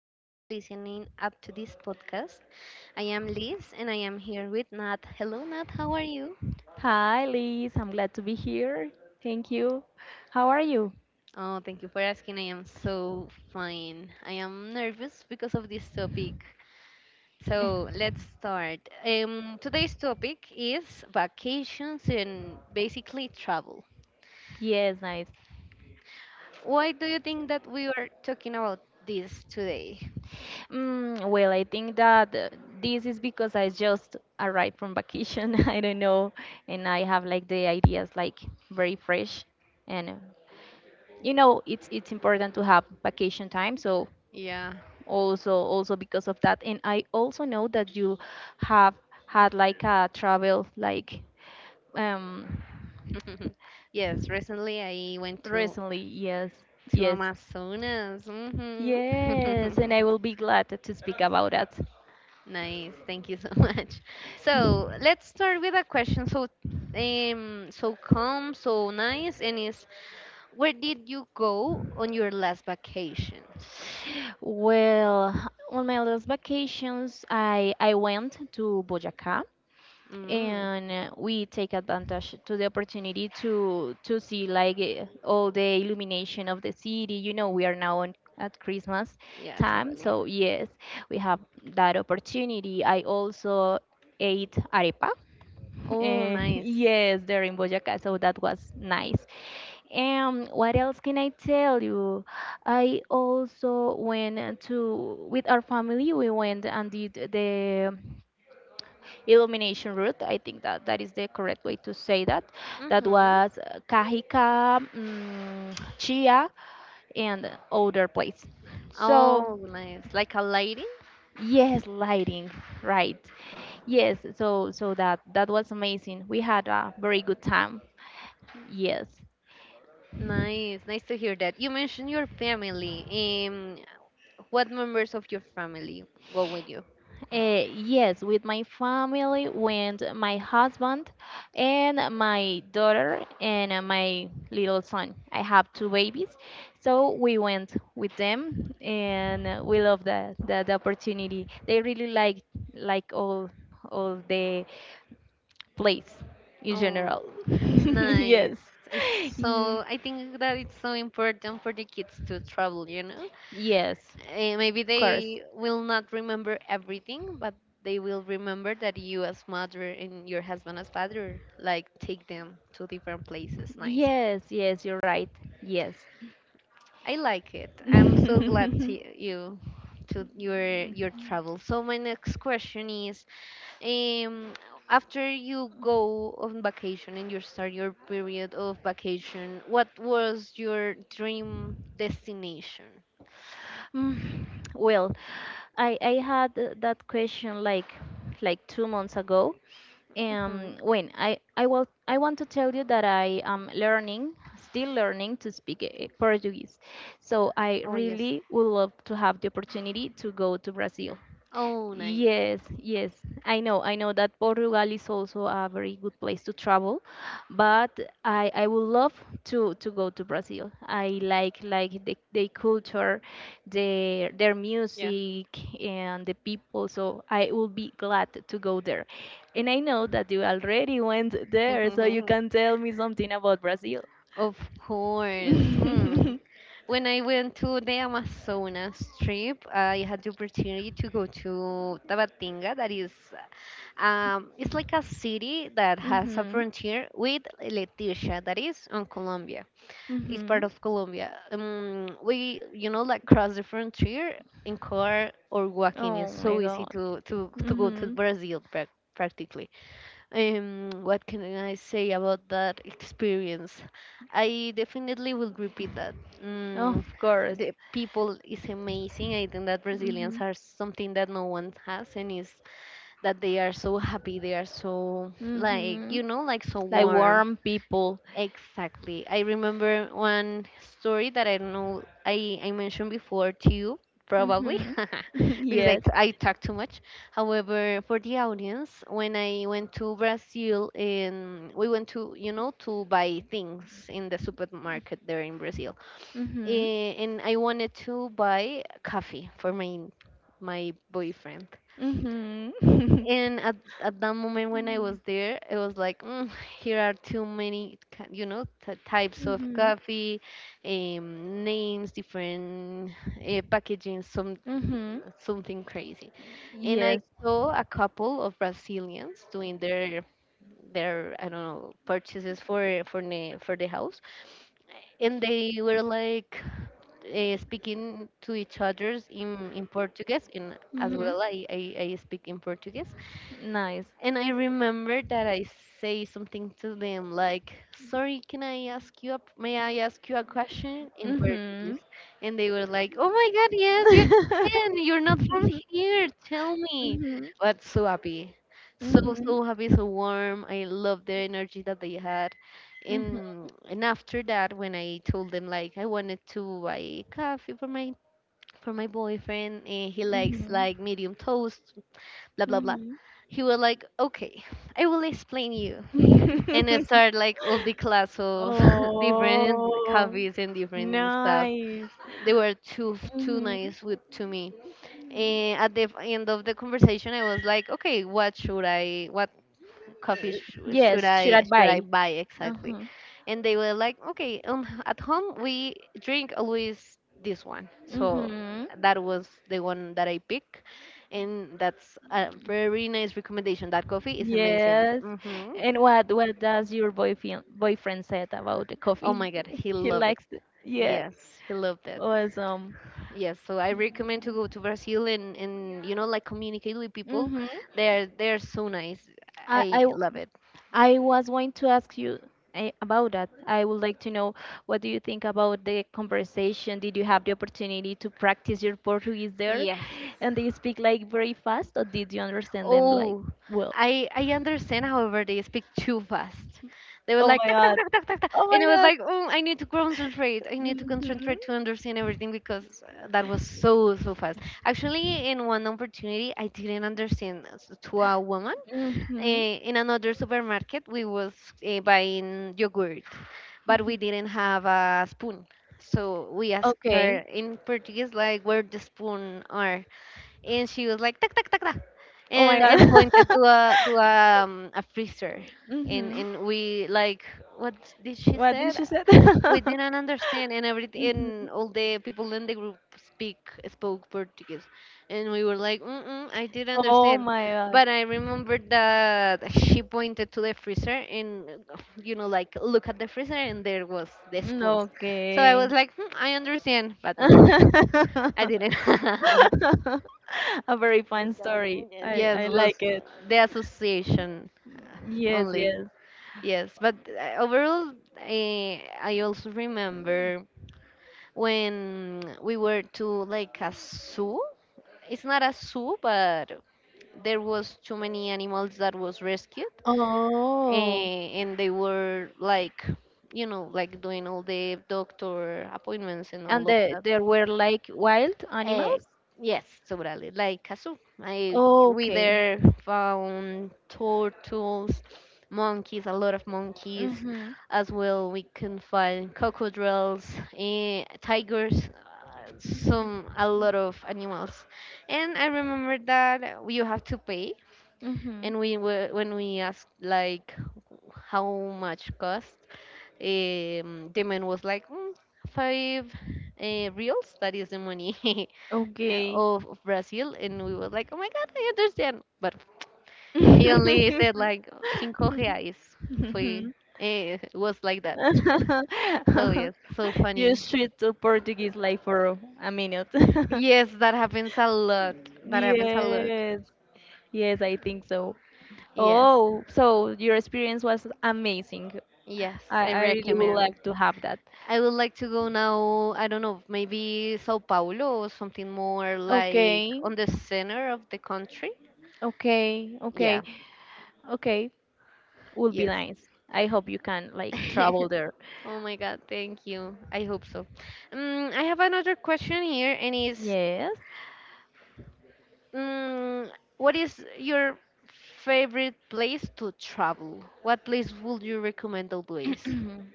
here and listening up to this podcast. I am Liz and I am here with Nat. Hello, Nat. How are you? Hi, Liz. I'm glad to be here. Thank you. How are you? Oh, thank you for asking. I am so fine. I am nervous because of this topic. So let's start. Today's topic is vacations and basically travel. Yes, nice. Why do you think that we are talking about this today? Well, I think that this is because I just arrived from vacation. I don't know, and I have like the ideas like very fresh, and it's important to have vacation time. So Yeah. also because of that. And I also know that you have had like a travel like um Yes, recently I went to recently. Yes. To Yes. Amazonas. Hmm Yes, and I will be glad to speak about that. Nice. Thank you so much. So let's start with a question. So, so calm, so nice, and is where did you go on your last vacation? Well, on my last vacations, I went to Boyacá. Mm, And we take advantage to the opportunity to see like all the illumination of the city. We are now on at Christmas yeah, time, totally. so yes, we have that opportunity. I also ate arepa. Oh, nice. Yes, there in Boyaca, so that was nice. And what else can I tell you? I also went to with our family. We went and did the illumination route. I think that that is the correct way to say that. That Mm-hmm. was Cajica, Chia, and other place. So Oh, nice. Like a lady? yes, lighting, right? Yes, so that was amazing. We had a very good time. Yes. Nice. Nice to hear that. You mentioned your family. Um, what members of your family go with you? Yes, with my family, with my husband and my daughter and my little son. I have two babies, so we went with them, and we love the opportunity. They really like all the place in Oh. general. Nice. Yes. It's Ye- so I think that it's so important for the kids to travel. yes, Maybe of course. they will not remember everything, but they will remember that you as mother and your husband as father like take them to different places. Nice. Yes, yes, you're right. Yes. I like it. I'm so glad to you to your travel. So my next question is, um, after you go on vacation and you start your period of vacation, what was your dream destination? Mm, well, I had that question like 2 months ago. Hmm When I want to tell you that I am learning, still learning to speak Portuguese. So I Oh, yes. really would love to have the opportunity to go to Brazil. Oh, nice. Yes, yes, I know. I know that Portugal is also a very good place to travel, but I would love to go to Brazil. I like the culture, their Yeah. music and the people. So I will be glad to go there. And I know that you already went there, so you can tell me something about Brazil. Of course. Mm. When I went to the Amazonas trip, I had the opportunity to go to Tabatinga. It's like a city that has a Mm-hmm. frontier with Leticia, that is on Colombia. It's Mm-hmm. part of Colombia. We, like cross the frontier in car or walking. Is Oh my so easy God. to go to Mhm. Brazil practically. What can I say about that experience? I definitely will repeat that. Mm, Of course. the people is amazing. I think that Brazilians Mhm. are something that no one has, and is that they are so happy. They are so like Mhm. Like so Like warm. warm people. Exactly. I remember one story that I don't know I mentioned before to you probably Mhm. because I, Yes. t- I talk too much. However, for the audience, when I went to Brazil and we went to to buy things in the supermarket there in Brazil. Mhm. And I wanted to buy coffee for my boyfriend. Mhm. And at that moment when I was there, it was like, here are too many, types of Mhm. coffee, names, different packaging, some Mhm. something crazy. And I Yes. saw a couple of Brazilians doing their I don't know purchases for the house, and they were like speaking to each others in Portuguese, and as Mhm. well I speak in Portuguese, Nice. and I remember that I say something to them like, "Sorry, can I ask you a, may I ask you a question in Portuguese?" Mhm. And they were like, "Oh my God, yes, you Mhm. can. You're not from here. Tell me." Mhm. But so happy, so, Mhm. so happy, so warm. I love the energy that they had. And after that, when I told them like I wanted to buy coffee for my boyfriend, and he likes Mhm. like medium toast blah blah blah, Mhm. he was like, okay, I will explain you. And I started like all the class of different Oh. coffees and different stuff. Nice. They were too Mhm. nice with to me, and at the end of the conversation I was like, okay, what coffee sh- should Yes, should I I should I buy? buy exactly? Mhm. And they were like, okay, at home we drink always this one. So Mhm. that was the one that I picked, and that's a very nice recommendation. That coffee is amazing. Yes. Hmm And what does your boyfriend said about the Oh coffee? my God, he He loved it. likes it. Yes. Yes, he loved it. Awesome. Yes, so I recommend to go to Brazil and and like communicate with people. Mhm. They're so nice. I I I love it. I was going to ask you about that. I would like to know what do you think about the conversation? Did you have the opportunity to practice your Portuguese there? Yes. And they speak like very fast, or did you understand them like Oh, well? I understand. However, they speak too fast. They were Oh like, my "Tak, tak, God. tak, tak, tak, tak," Oh and my it was God. like, oh, I need to concentrate. I need to Mhm. concentrate to understand everything because that was so, so fast. Actually, in one opportunity, I didn't understand to a woman. Mhm. In another supermarket, we was buying yogurt, but Mhm. we didn't have a spoon. So we asked her Okay. in Portuguese, like, where the spoon are, and she was like, tak, tak, tak, tak, Oh my and God. and pointed to a a freezer, Mhm. and we like, what did she What said? did she said? We didn't understand, and everything, and all the people in the group speak spoke Portuguese, and we were like, Mm-mm, I didn't Oh understand, my God. but I remembered that she pointed to the freezer, and like look at the freezer and there was the spoons. So I was Okay. like, I understand, but no, I didn't. A very And fun story. and I, yes, I like was it. the association Yes, only. yes. Yes, but overall, I also remember when we were to like a zoo. It's not a zoo, but there was too many animals that was rescued, Oh. and, they were like, like doing all the doctor appointments and And all of that. there were like wild Uh, animals? yes, totally. Like Kazu, I Oh, we okay. there found turtles, monkeys, a lot of monkeys. Mm-hmm. As well, we can find crocodiles, tigers, some a lot of animals. And I remember that you have to pay. Mm-hmm. And we were when we asked like how much cost, the man was like, five reals. That is the money. uh, Okay. of, of Brazil, and we were like, oh my god, I understand. But he only said like, "Cinco reais. Foi," it was like that. So yes, so You funny. switch to Portuguese like for a minute. Yes, that happens a lot. That happens a lot. Yes. Yes, I think so. Yes, Oh, so your experience was amazing. yes, I, I I really would recommend. like to have that. I would like to go now, I don't know, maybe Sao Paulo or something more like Okay, on the center of the country. okay, Yeah, okay, okay. Would be yes. nice. I hope you can like travel there. Oh my God, thank you. I hope so. I have another question here, and is, Yes. um, what is your favorite place to travel? What place would you recommend always?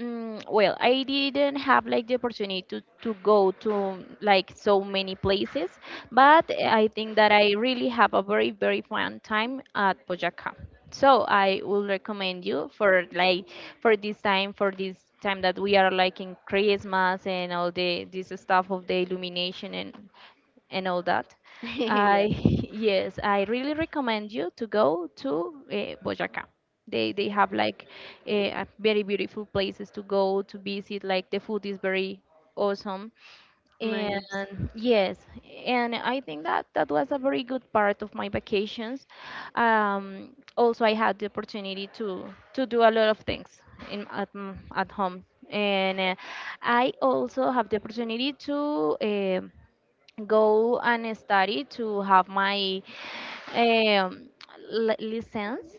Well, I didn't have like the opportunity to go to like so many places, but I think that I really have a very, very fun time at Boyacá. So I will recommend you for like for this time that we are like in Christmas and all the this stuff of the illumination and all that. Yes. I Yes, I really recommend you to go to Boyacá. They have like a very beautiful places to go to visit. Like the food is very awesome. Nice. And yes, and I think that that was a very good part of my vacations. Also, I had the opportunity to do a lot of things at home, and I also have the opportunity to go and study to have my um, license,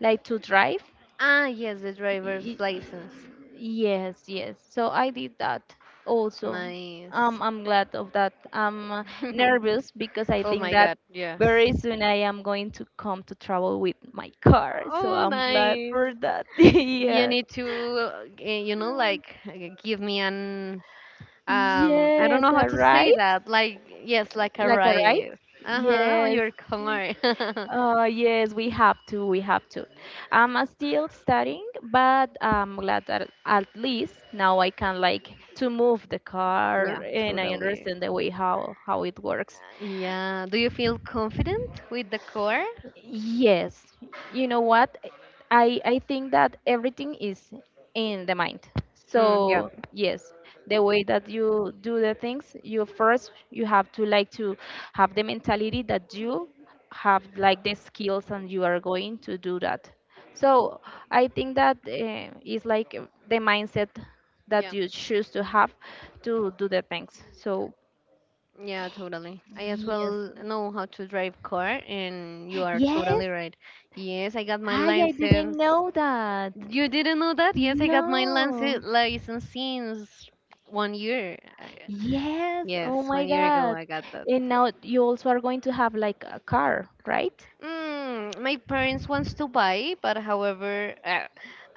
like to drive. Ah, yes, the driver's Y- license. Yes, yes. So I did that also. Nice. I'm glad of that. I'm nervous because I Oh think my that God, yes. very soon I am going to come to travel with my car. So Oh, I'm glad nice. for that. You Yeah. need to, give me an I don't Yes, know how a to say ride? that. Like yes, like a Like a ride? ride. Uh-huh, on Yes, your car. Yes, we have to. We have to. I'm still studying, but I'm glad that at least now I can like to move the Yeah, car, and I totally. understand the way how it works. Yeah. Do you feel confident with the car? Yes, you know what? I think that everything is in the mind. Mm, yeah. So yes, the way that you do the things, you first you have to like to have the mentality that you have like the skills and you are going to do that. So I think that is like the mindset Yeah. that you choose to have to do the things. So Yeah, totally. I as yes, well know how to drive car and you are yes, totally right. Yes, I got my I didn't license. know that. You didn't know that? Yes, I got my license No. license since one year. Yes. Oh Yes, my one year ago God. And now you also are going to have like a car, right? My parents wants to buy, but however, uh,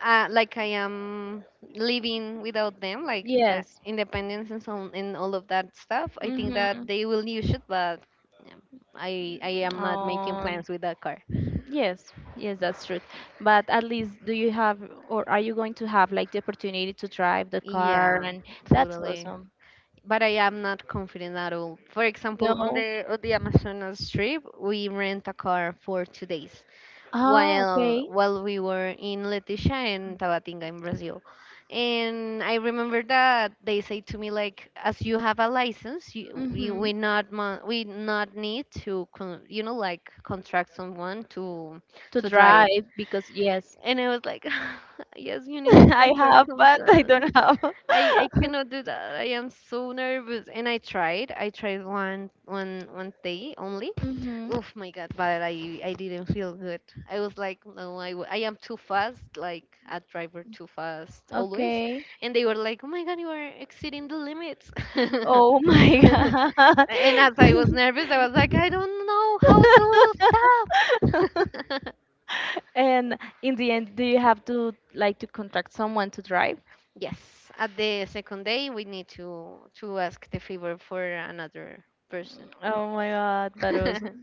uh, like I am living without them, like Yes. independence and so on, and all of that stuff. I think Mm-hmm. that they will use it, but yeah, I am not making Oh, plans with that car. yes. Yes, that's true. But at least do you have or are you going to have like the opportunity to drive the car, Yeah, and that's totally. awesome. But I am not confident at all. For example, on No. the Amazonas trip, we rent a car for 2 days. Ah, while okay. while we were in Leticia and Tabatinga in Brazil. And I remember that they say to me like, as you have a license, you Mm-hmm. we not need to contract someone to To to drive. drive because yes, And I was like, yes, you need to I contract have, but I someone. don't have. I cannot do that. I am so nervous. And I tried. I tried one day only. Mm-hmm. Oh my God, but I didn't feel good. I was like, no, I am too fast, like a driver too fast always. Okay. And they were like, oh my God, you are exceeding the limits. Oh my God. And as I was nervous, I was like, I don't know how to stop. And in the end, do you have to like to contract someone to drive? Yes, at the second day, we need to ask the favor for another person. Oh my God, that was.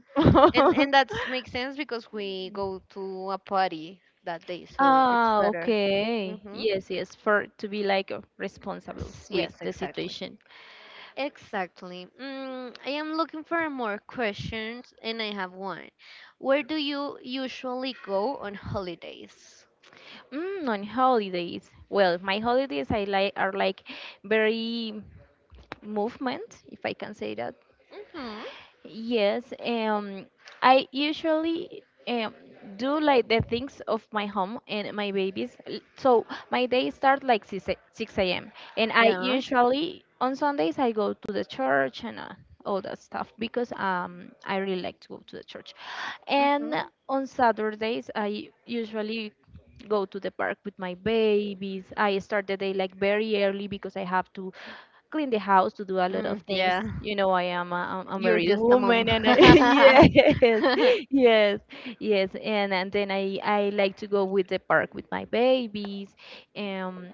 And that makes sense because we go to a party that day, so it's Ah, better. okay. hmm Yes, yes, for to be like responsible with Yes, the exactly. situation. Exactly. I am looking for more questions, and I have one. Where do you usually go on holidays? On holidays. Well, my holidays I like are like very movement, if I can say that. Mm-hmm. Yes, I usually do like the things of my home and my babies. So my day start like 6 a.m. And I Yeah. usually on Sundays I go to the church and all that stuff because I really like to go to the church. And Mm-hmm. on Saturdays I usually go to the park with my babies. I start the day like very early because I have to clean the house to do a lot of, Mm, yeah, things. yeah. You know, I'm a You're married just a mom. woman and I, yes, Mm-hmm. yes, yes. And then I like to go with the park with my babies. Um,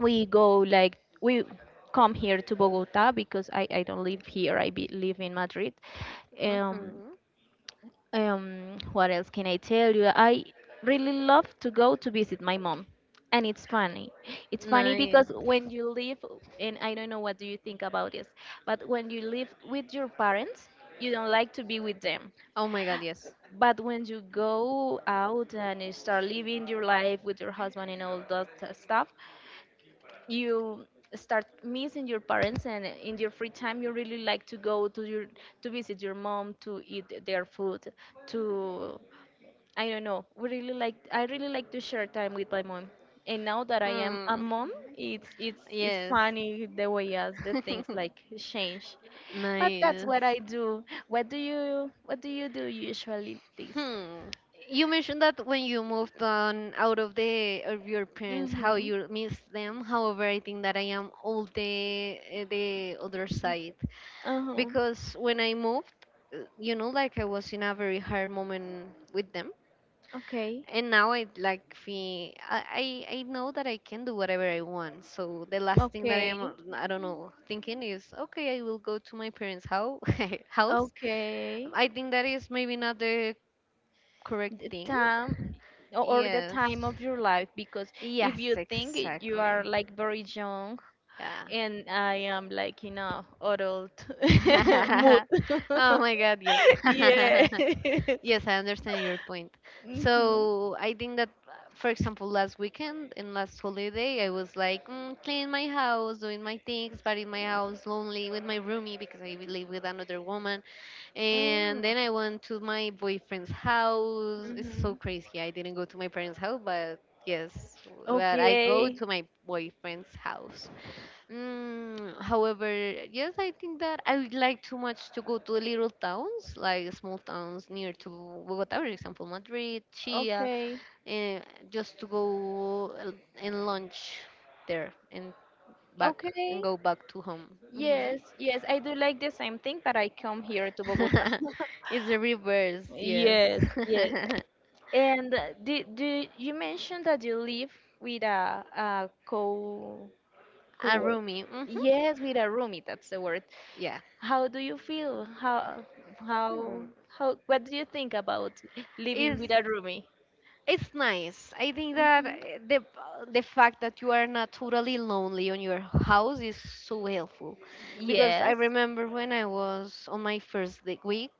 we come here to Bogota because I don't live here. I live in Madrid. Um, what else can I tell you? I really love to go to visit my mom. And it's funny. It's funny Nice. because when you live, and I don't know what do you think about this, but when you live with your parents, you don't like to be with them. Oh my God, yes. But when you go out and you start living your life with your husband and all that stuff, you start missing your parents and in your free time you really like to go to your to visit your mom to eat their food to I don't know. We really like I really like to share time with my mom. And now that I am a Mm, mom, it's yes. funny the way as the things like change. But that's Nice. what I do. What do you do usually, please? Hmm. You mentioned that when you moved on out of the of your parents, how Mhm. you miss them. However, I think that I am all the other side Uh-huh. because when I moved, I was in a very hard moment with them, Okay. and now I like feel I know that I can do whatever I want. So the last thing that I am Okay. I don't know thinking is, okay, I will go to my parents' house house. Okay. I think that is maybe not the correct The thing. time or the time Yes. of your life because if you Yes, think you are exactly. like very young Yeah. and I am like in a adult mood. Oh my God, yes. Yes. Yes, I understand your point. Mhm. So I think that, for example, last weekend and last holiday, I was like cleaning my house, doing my things, but in my house, lonely with my roomie because I live with another woman. Mm, And then I went to my boyfriend's house. It's so mhm. crazy. I didn't go to my parents' house, but yes, but I go Okay. to my boyfriend's house. However, yes, I think that I would like too much to go to the little towns, like small towns near to Bogota, for example, Madrid, Chia, Okay. eh, just to go and lunch there and back and Okay. go back to home. Hmm. Yes, yes, I do like the same thing, but I come here to Bogota. It's the reverse, yes. Yes, yes. And do you mentioned that you live with a co A co-work? roomie. Hmm. Yes, with a roomie, that's the word. Yeah. How do you feel? Hmm. How what do you think about living It's with a roomie? it's nice. I think that Mhm. The fact that you are not totally lonely on your house is so helpful, because I Yes. remember when I was on my first week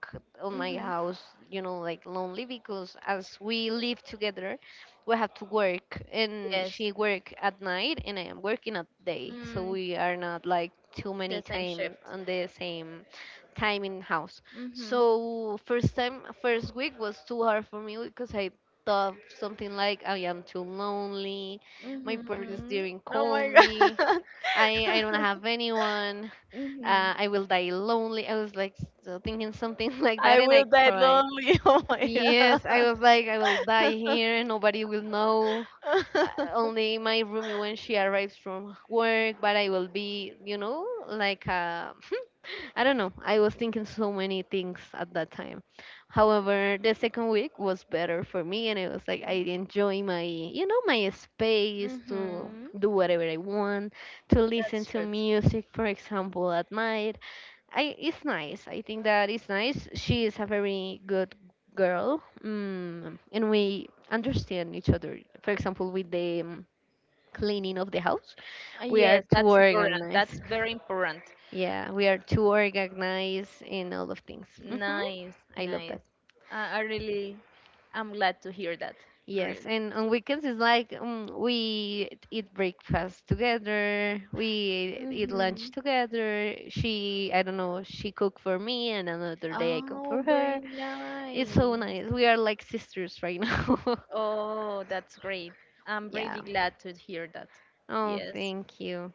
on my Mhm. house, like lonely because as we live together, we have to work, and Yes. she work at night and I am working at day, so Mm, we are not like too the many same time shift. on the same time in house. Mm-hmm. So first week was too hard for me because I stuff, something like I am too lonely, my parents Mm-hmm. didn't Oh call my me, God. I don't have anyone, Mm-hmm. I will die lonely. I was like thinking something like that I and I will die cried. lonely. Oh my Yes, God. I was like, I will die here, nobody will know uh, only my roomie when she arrives from work, but I will be, I don't know. I was thinking so many things at that time. However, the second week was better for me, and it was like I enjoy my, my space to Mm-hmm. do whatever I want, to listen That's to true. music, for example, at night, it's nice. I think that it's nice. She is a very good girl, and we understand each other. For example, with the cleaning of the house, we are Yes, too that's important. organized. That's very important. Yeah, we are too organized in all of things. Hmm. Nice, I love that. nice. I I really, I'm glad to hear that. Yes, Really. and on weekends it's like we eat breakfast together, we eat Mm-hmm. lunch together. She, I don't know, she cook for me, and another day I cook for Oh, very her. It's so nice. nice. We are like sisters right now. Oh, that's great. I'm Yeah. really glad to hear that. Oh, Yes. thank you.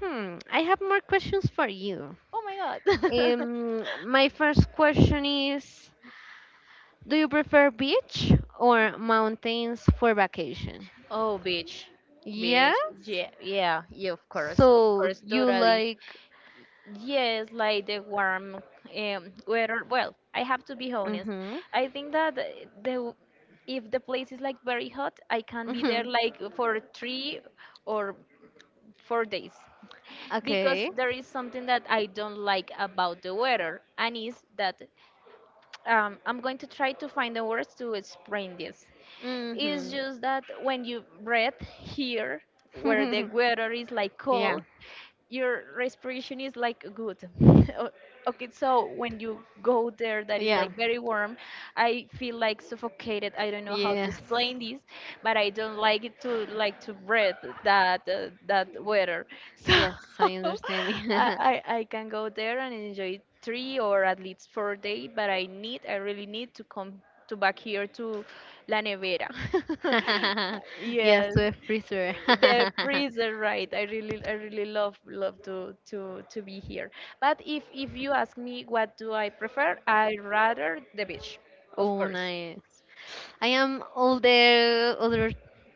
Hmm, I have more questions for you. Oh my God. My first question is, do you prefer beach or mountains for vacation? Oh, beach, beach. Yes? Yeah, yeah, yeah. Of So course, you totally. like. Yes, like the warm weather. Well, I have to be honest. Mhm. I think that if the place is like very hot, I can be there Mhm. like for 3 or 4 days because Okay. there is something that I don't like about the weather, and is that I'm going to try to find the words to explain this. It's Mhm. just that when you breathe here, where the weather is like Yeah. cold, your respiration is like good. O- okay, so when you go there that is Yeah. like very warm, I feel like suffocated. I don't know how to Yes. explain this, but I don't like it to like to breathe that that weather. Yes, I So understand. I can go there and enjoy 3 or at least 4 days, but I really need to come to back here to La Nevera. Yes, Yes, to a freezer. the freezer, right. I really, I really love, love to be here, but if you ask me what do I prefer, I rather the beach, of Oh, course. nice. I am all the other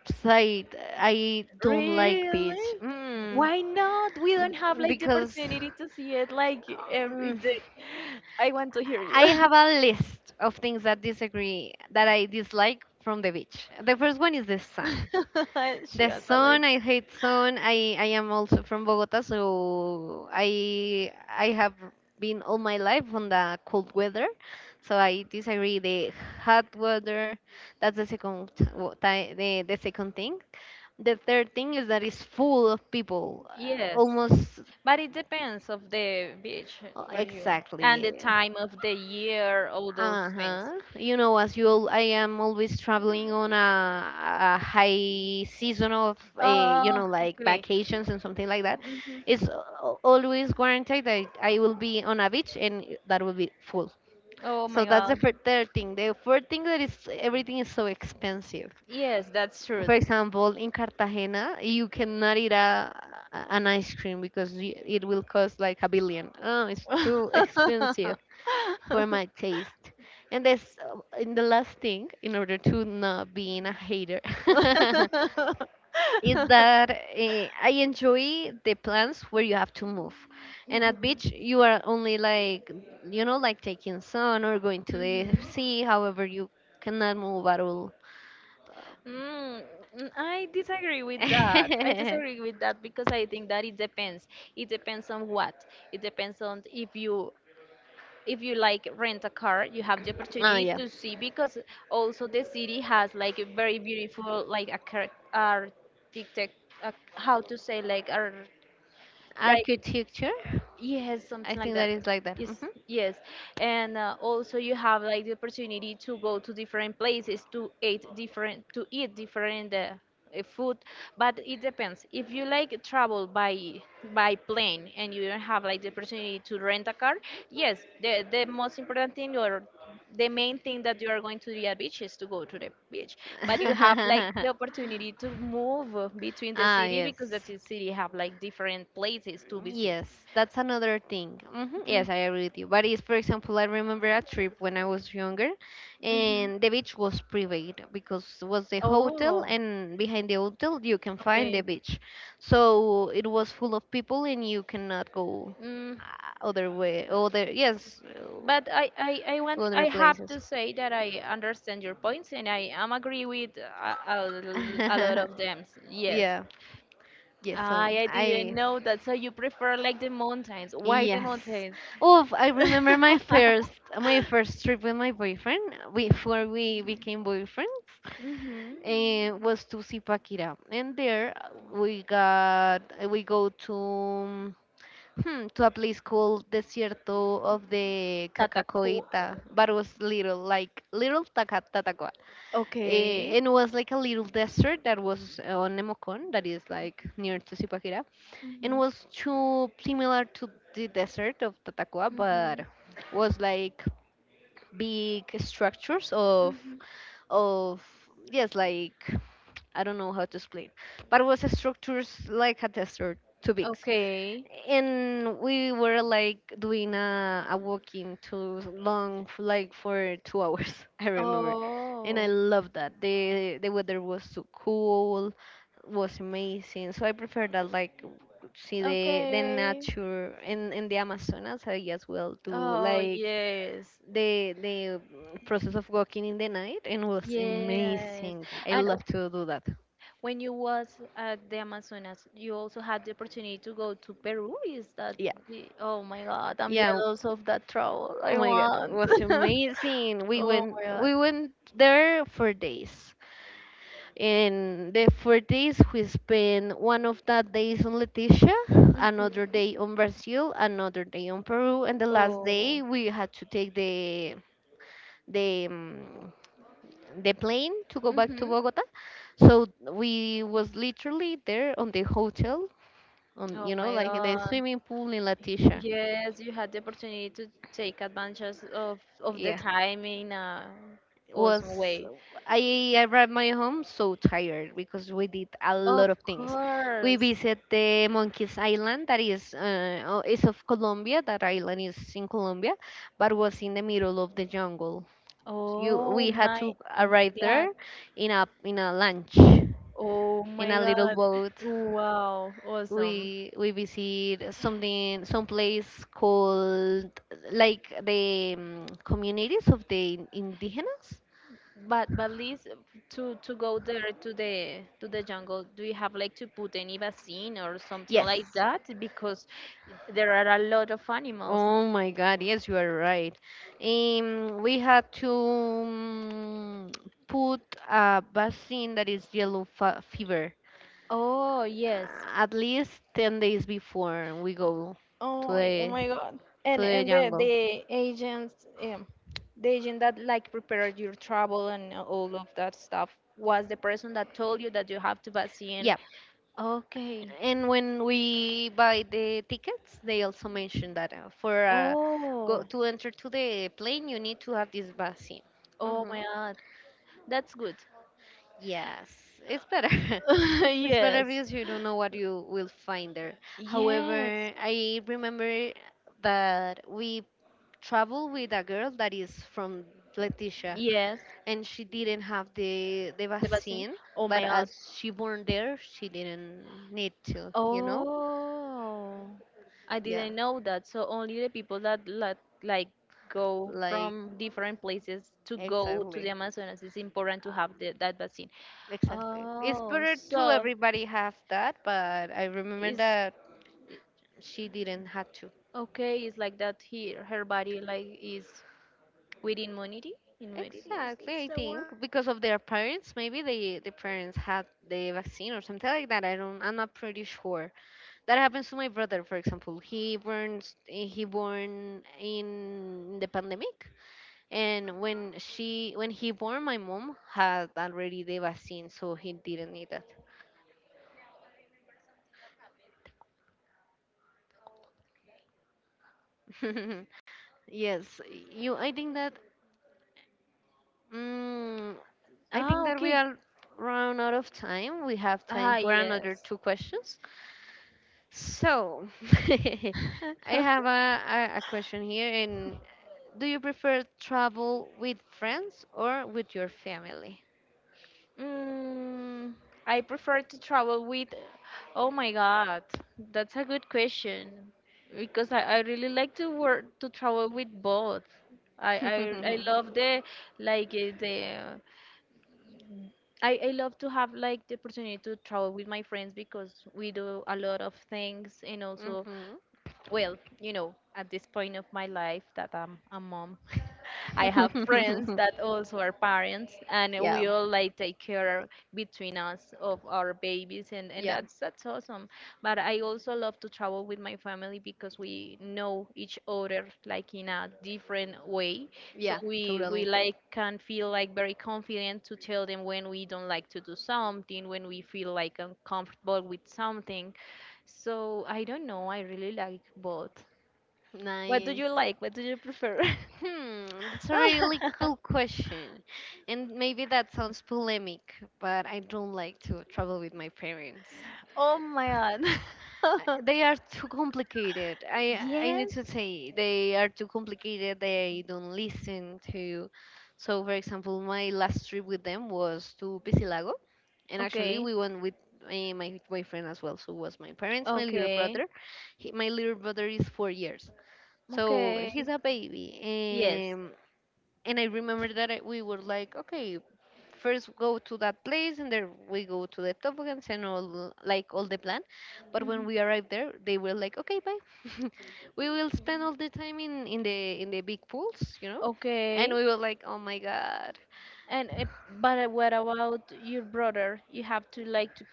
side. I don't like beach. Really? Why not? We don't have like the Because opportunity to see it like every mm, day. I want to hear you. I have a list of things that disagree, that I dislike from the beach. The first one is the sun. She The was a sun, list. I hate sun. I am also from Bogota, so I have been all my life on the cold weather, so I disagree the hot weather. That's the second the second thing. The third thing is that it's full of people, Yes, almost but it depends of the beach where you, and the exactly. time of the year, all those things. Uh-huh. You know, as you, all, I am always traveling on a high season of, a, you uh, know, like okay. vacations and something like that. Hmm. It's always guaranteed that I will be on a beach and that will be full. Oh So my that's the God. Third thing. The fourth thing that is everything is so expensive. Yes, that's true. For example, in Cartagena, you cannot eat a, an ice cream because it will cost like a billion. Oh, it's too expensive for my taste. And this, and the last thing, in order to not being a hater, is Mhm. that I enjoy the plans where you have to move. And at beach, you are only like, you know, like taking sun or going to the Mhm. sea. However, you cannot move at all. Um, Mm, I disagree with that. I disagree with that because I think that it depends. It depends on what. It depends on if you, if you like rent a car, you have the oh opportunity yeah, to see, because also the city has like a very beautiful like a architect, how to say like like architecture. Yes, I something like think that that. is like that. Hmm. Yes, yes. And also you have like the opportunity to go to different places to eat different food, but it depends. If you like travel by plane and you don't have like the opportunity to rent a car, yes, the most important thing, or the main thing that you are going to the beach, is to go to the beach. But you have like the opportunity to move between the Ah city, yes. because that the city have like different places to visit. Yes, that's another thing. Hmm. Yes, I agree with you. But it's, for example, I remember a trip when I was younger, Mm-hmm. and the beach was private because it was the hotel, Oh, and behind the hotel you can find the okay. beach. So it was full of people, and you cannot go Mm, other way, other yes, but I, I, I to want I other have places. to say that I understand your points, and I am agree with a lot of them. Yes. Yeah, yes. So I didn't I. know that. So you prefer like the mountains. Why the Yes. mountains? Oh, I remember my first my first trip with my boyfriend before we became boyfriends Mm-hmm. was to Zipaquirá, and there we go to hmm, to a place called Desierto of the Tataku. Cacacoita, but was little like little Tatacua, Okay. and it was like a little desert that was on Nemocón, that is like near to Zipaquirá and Mm-hmm. was too similar to the desert of Tatacoa, but was like big structures of Mm-hmm. of yes, like I don't know how to explain, but was structures like a desert, too big Okay. and we were like doing a walking too long like for 2 hours I remember and Oh. I loved that the weather was so cool was amazing so I prefer that like see the Okay. nature in the Amazonas. I as well do Oh, like yes. the process of walking in the night and was Yes. amazing I And love to do that. when you was at the Amazonas, you also had the opportunity to go to Peru. Is that Yeah, the, oh my God, I'm yeah. jealous of that travel. Oh I my God, it want. was amazing. We Oh went my God. we went there for days. And the 4 days we spent one of that days on Leticia, another Mhm. day on Brazil, another day on Peru, and the last day Oh. we had to take the um, the plane to go back to Hmm. Bogota. So we was literally there on the hotel, on Oh my like in the God. swimming pool in Leticia. Yes, you had the opportunity to take advantage of the Yeah. time in a awesome was way. I arrived my home so tired because we did a lot Of of things. We course. visit the Monkeys Island that is oh, is of Colombia. That island is in Colombia, but was in the middle of the jungle. You Oh we had my to arrive god. there in a lunch Oh in my a little god. boat. Wow, awesome. We visit something some place called like the communities of the indigenous. But least to go there to the to the jungle, do you have like to put any vaccine or something like Yes, that? Because there are a lot of animals. oh my God, yes, you are right. We had to put a vaccine that is yellow fa fever Oh yes. uh, at least 10 days before we go Oh, to oh the my God. to the And the jungle. the agents, the agent that like prepared your travel and all of that stuff was the person that told you that you have to vaccine. Yeah, Okay. and when we buy the tickets, they also mention that for go Oh. to enter to the plane, you need to have this vaccine. Oh Hmm. my God. That's good. Yes, it's better. It's better Yes. because you don't know what you will find there. However, Yes. I remember that we traveled with a girl that is from Leticia, Yes. and she didn't have the The vaccine. vaccine, Oh but my God. as she born there, she didn't need to, you know? Oh. I Yeah, didn't know that. So only the people that like go like from different places to go to the exactly. Amazonas, it's important to have Um, the, that vaccine. exactly. It's Oh, better to so everybody have that, but I remember is that she didn't have to. okay. It's like that. He her body like is. With immunity? Immunity Exactly, is I the word? think because of their parents, maybe they the parents had the vaccine or something like that. I don't, I'm not pretty sure. That happens to my brother, for example. He born in the pandemic, and when he born, my mom had already the vaccine, so he didn't need that. Yes, you. I think that. Mm, I Ah, think that we okay. are run out of time. We have Ah, time for another yes. two questions. So, I have a, question here. And do you prefer travel with friends or with your family? mm, I prefer to travel with. Oh my God, that's a good question, because I really like to work to travel with both. I I, I love the like eh, the. I love to have like the opportunity to travel with my friends because we do a lot of things, and also, Mhm. well, you know, at this point of my life that I'm a mom, I have friends that also are parents, and Yeah, we all like take care between us of our babies, and yeah, that's awesome. But I also love to travel with my family because we know each other like in a different way, so yeah, we totally. like can feel like very confident to tell them when we don't like to do something, when we feel like uncomfortable with something, so I don't know. I really like both. What do Nice. you like? What do you prefer? Hmm, that's a really cool question. And maybe that sounds polemic, but I don't like to travel with my parents. Oh my God. They are too complicated. I need Yes. to say they are too complicated. They don't listen to. So, for example, my last trip with them was to Pisilago, and actually Okay. we went with my boyfriend as well. So it was my parents, my little Okay. brother. My little brother is 4 years, so Okay. he's a baby. Yes. Um, and I remember that we were like, okay, first go to that place and then we go to the toboggans and all like all the plan. But when Mhm. we arrived there, they were like, okay, bye. We will spend all the time in the big pools. And Okay. we were like, oh my God, And but what about your brother? You have to like to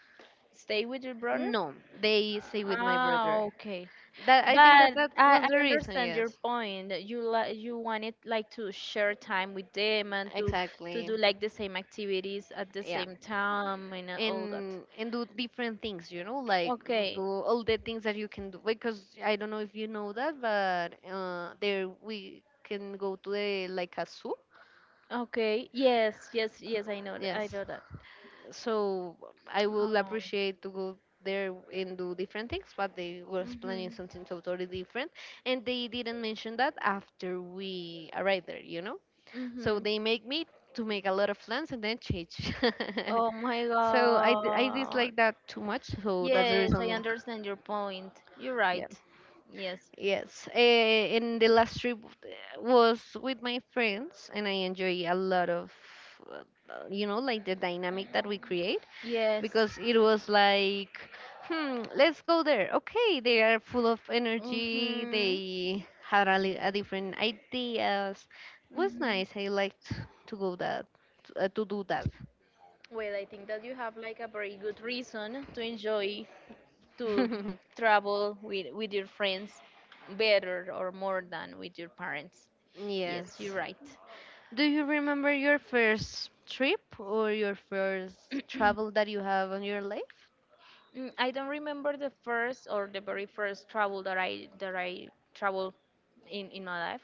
stay with your brother? no. They stay with my Ah, brother. okay. That I think that But that I, was I the reason. understand your Yes, point. That You li you wanted like to share time with them, and to exactly. do like the same activities at the Yeah. same time, and all that. And do different things, like do Okay, all the things that you can do, because I don't know if you know that, but there we can go to the like a zoo. okay. Yes, yes, yes. I know. I Yes, know that. so I will Oh. appreciate to go there and do different things, but they were planning Mhm. something totally different, and they didn't mention that after we arrived there, you know. So Mhm. they make me to make a lot of plans and then change. Oh my So I God. dislike that too much, so that's the Yes, I reason. understand your point. You're right. Yes. Yes, and the last trip was with my friends, and I enjoy a lot of, uh, like the dynamic that we create, Yes. because it was like, let's go there. Okay, they are full of energy. Mhm. They had a different ideas. Was Mhm. nice. I liked to go that to do that. Well, I think that you have like a very good reason to enjoy to travel with your friends better or more than with your parents. Yes, Yes. you're right. Do you remember your first trip or your first travel that you have on your life? Mm, I don't remember the first or the very first travel that I traveled in my life,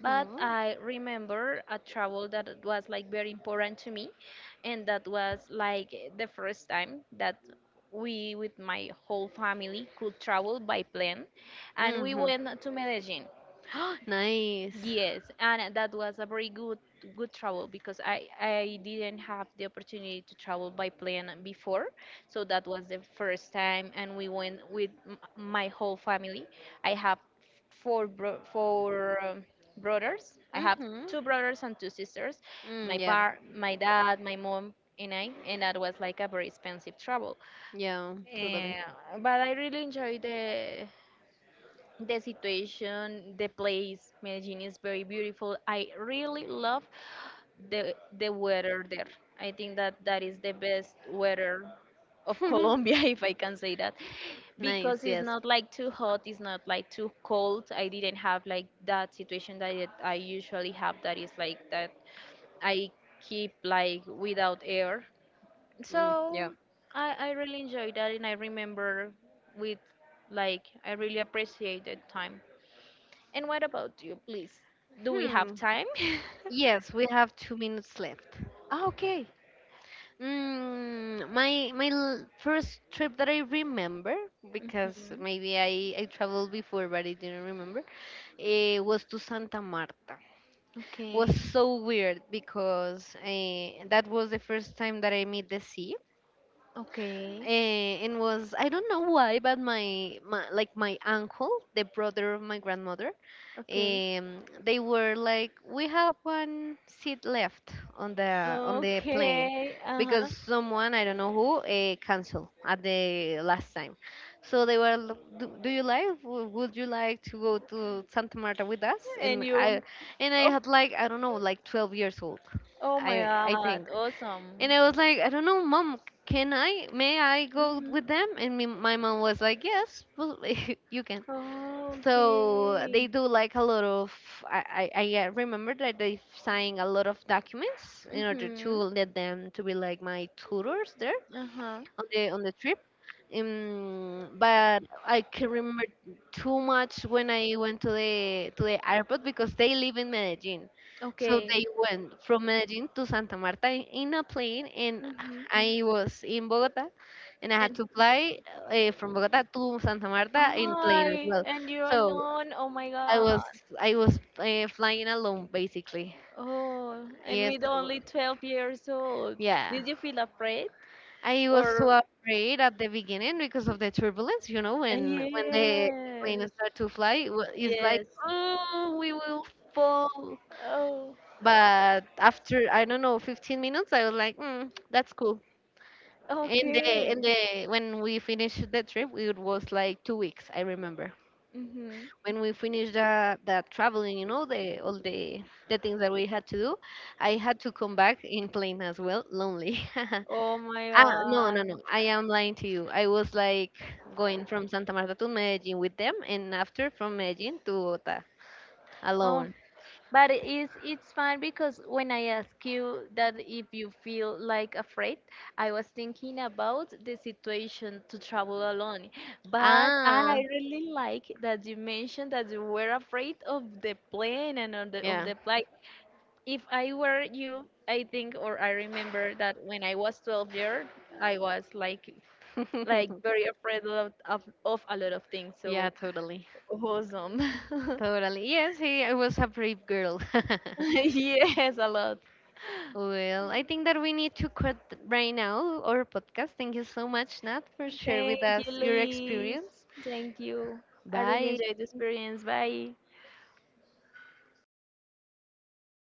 but I remember a travel that it was like very important to me, and that was like the first time that we with my whole family could travel by plane, and we Mhm. went to Medellin. Nice. Yes, and that was a very good travel, because I didn't have the opportunity to travel by plane before, so that was the first time, and we went with my whole family. I have four brothers. I have Mhm. two brothers and two sisters. Mm, yeah. My dad, my mom, and I, and that was like a very expensive travel. Yeah, totally. Yeah, but I really enjoyed the situation, the place. Medellin is very beautiful. I really love the weather there. I think that that is the best weather of Colombia, if I can say that, Nice. because it's Yes. not like too hot, it's not like too cold. I didn't have like that situation that I usually have. That is like that I keep like without air. Mm, yeah. So I really enjoyed that, and I remember with like I really appreciate the time. And what about you, please? Do we have Hmm. time? Yes, we have 2 minutes left. Ah, okay. My first trip that I remember, because Mhm. maybe I traveled before but I didn't remember. It was to Santa Marta. Okay. Was so weird because that was the first time that I met the sea. Okay. Uh, and was, I don't know why, but my like my uncle, the brother of my grandmother, Okay. They were like, we have one seat left on the plane Okay. Uh-huh. because someone, I don't know who, canceled at the last time. So they were, do you like? Would you like to go to Santa Marta with us? And And you? I and I Oh, had, like I don't know, like 12 years old. oh my I God. think. Awesome. And I was like, I don't know, mom, can I? May I go Mm-hmm. with them? And me, my mom was like, yes, well, you can. So they Okay. do like a lot of. I remember that they sign a lot of documents in order to Mm-hmm. let them to be like my tutors there Uh-huh. On the trip, but I can remember too much when I went to the airport, because they live in Medellin. So Okay. they went from Medellin to Santa Marta in a plane, and Mm-hmm. I was in Bogota, and I had And to fly from Bogota to Santa Marta in plane as I well. and you're So alone. Oh my I God. was I was flying alone basically. Oh, and with Yes, only 12 years old, yeah. did you feel afraid? I was Or, so afraid at the beginning because of the turbulence, you know, when the yes, plane start to fly, it's yes. like, oh, we will fall. Oh, But after, I don't know, 15 minutes, I was like, mm, that's cool. And the okay. and the when we finished the trip, it was like 2 weeks, I remember. Mm-hmm. When we finished the traveling, you know, the all the things that we had to do, I had to come back in plane as well, lonely. Oh my Ah, no, God. no, no. I am lying to you. I was like going from Santa Marta to Medellin with them and after from Medellin to Bogota Oh, alone. but it's fine because when I ask you that if you feel like afraid, I was thinking about the situation to travel alone. But I Ah, really like that you mentioned that you were afraid of the plane and of the of yeah. the flight. If I were you, I think or I remember that when I was 12 years, I was like very afraid of a lot of things. So Yeah, totally. awesome. Totally. Yes, he I was a brave girl. Yes, a lot. Well, I think that we need to cut right now our podcast. Thank you so much, Nat, for sharing with Thank you, us your Liz. experience. Thank you. I really Bye. enjoyed the experience. Bye.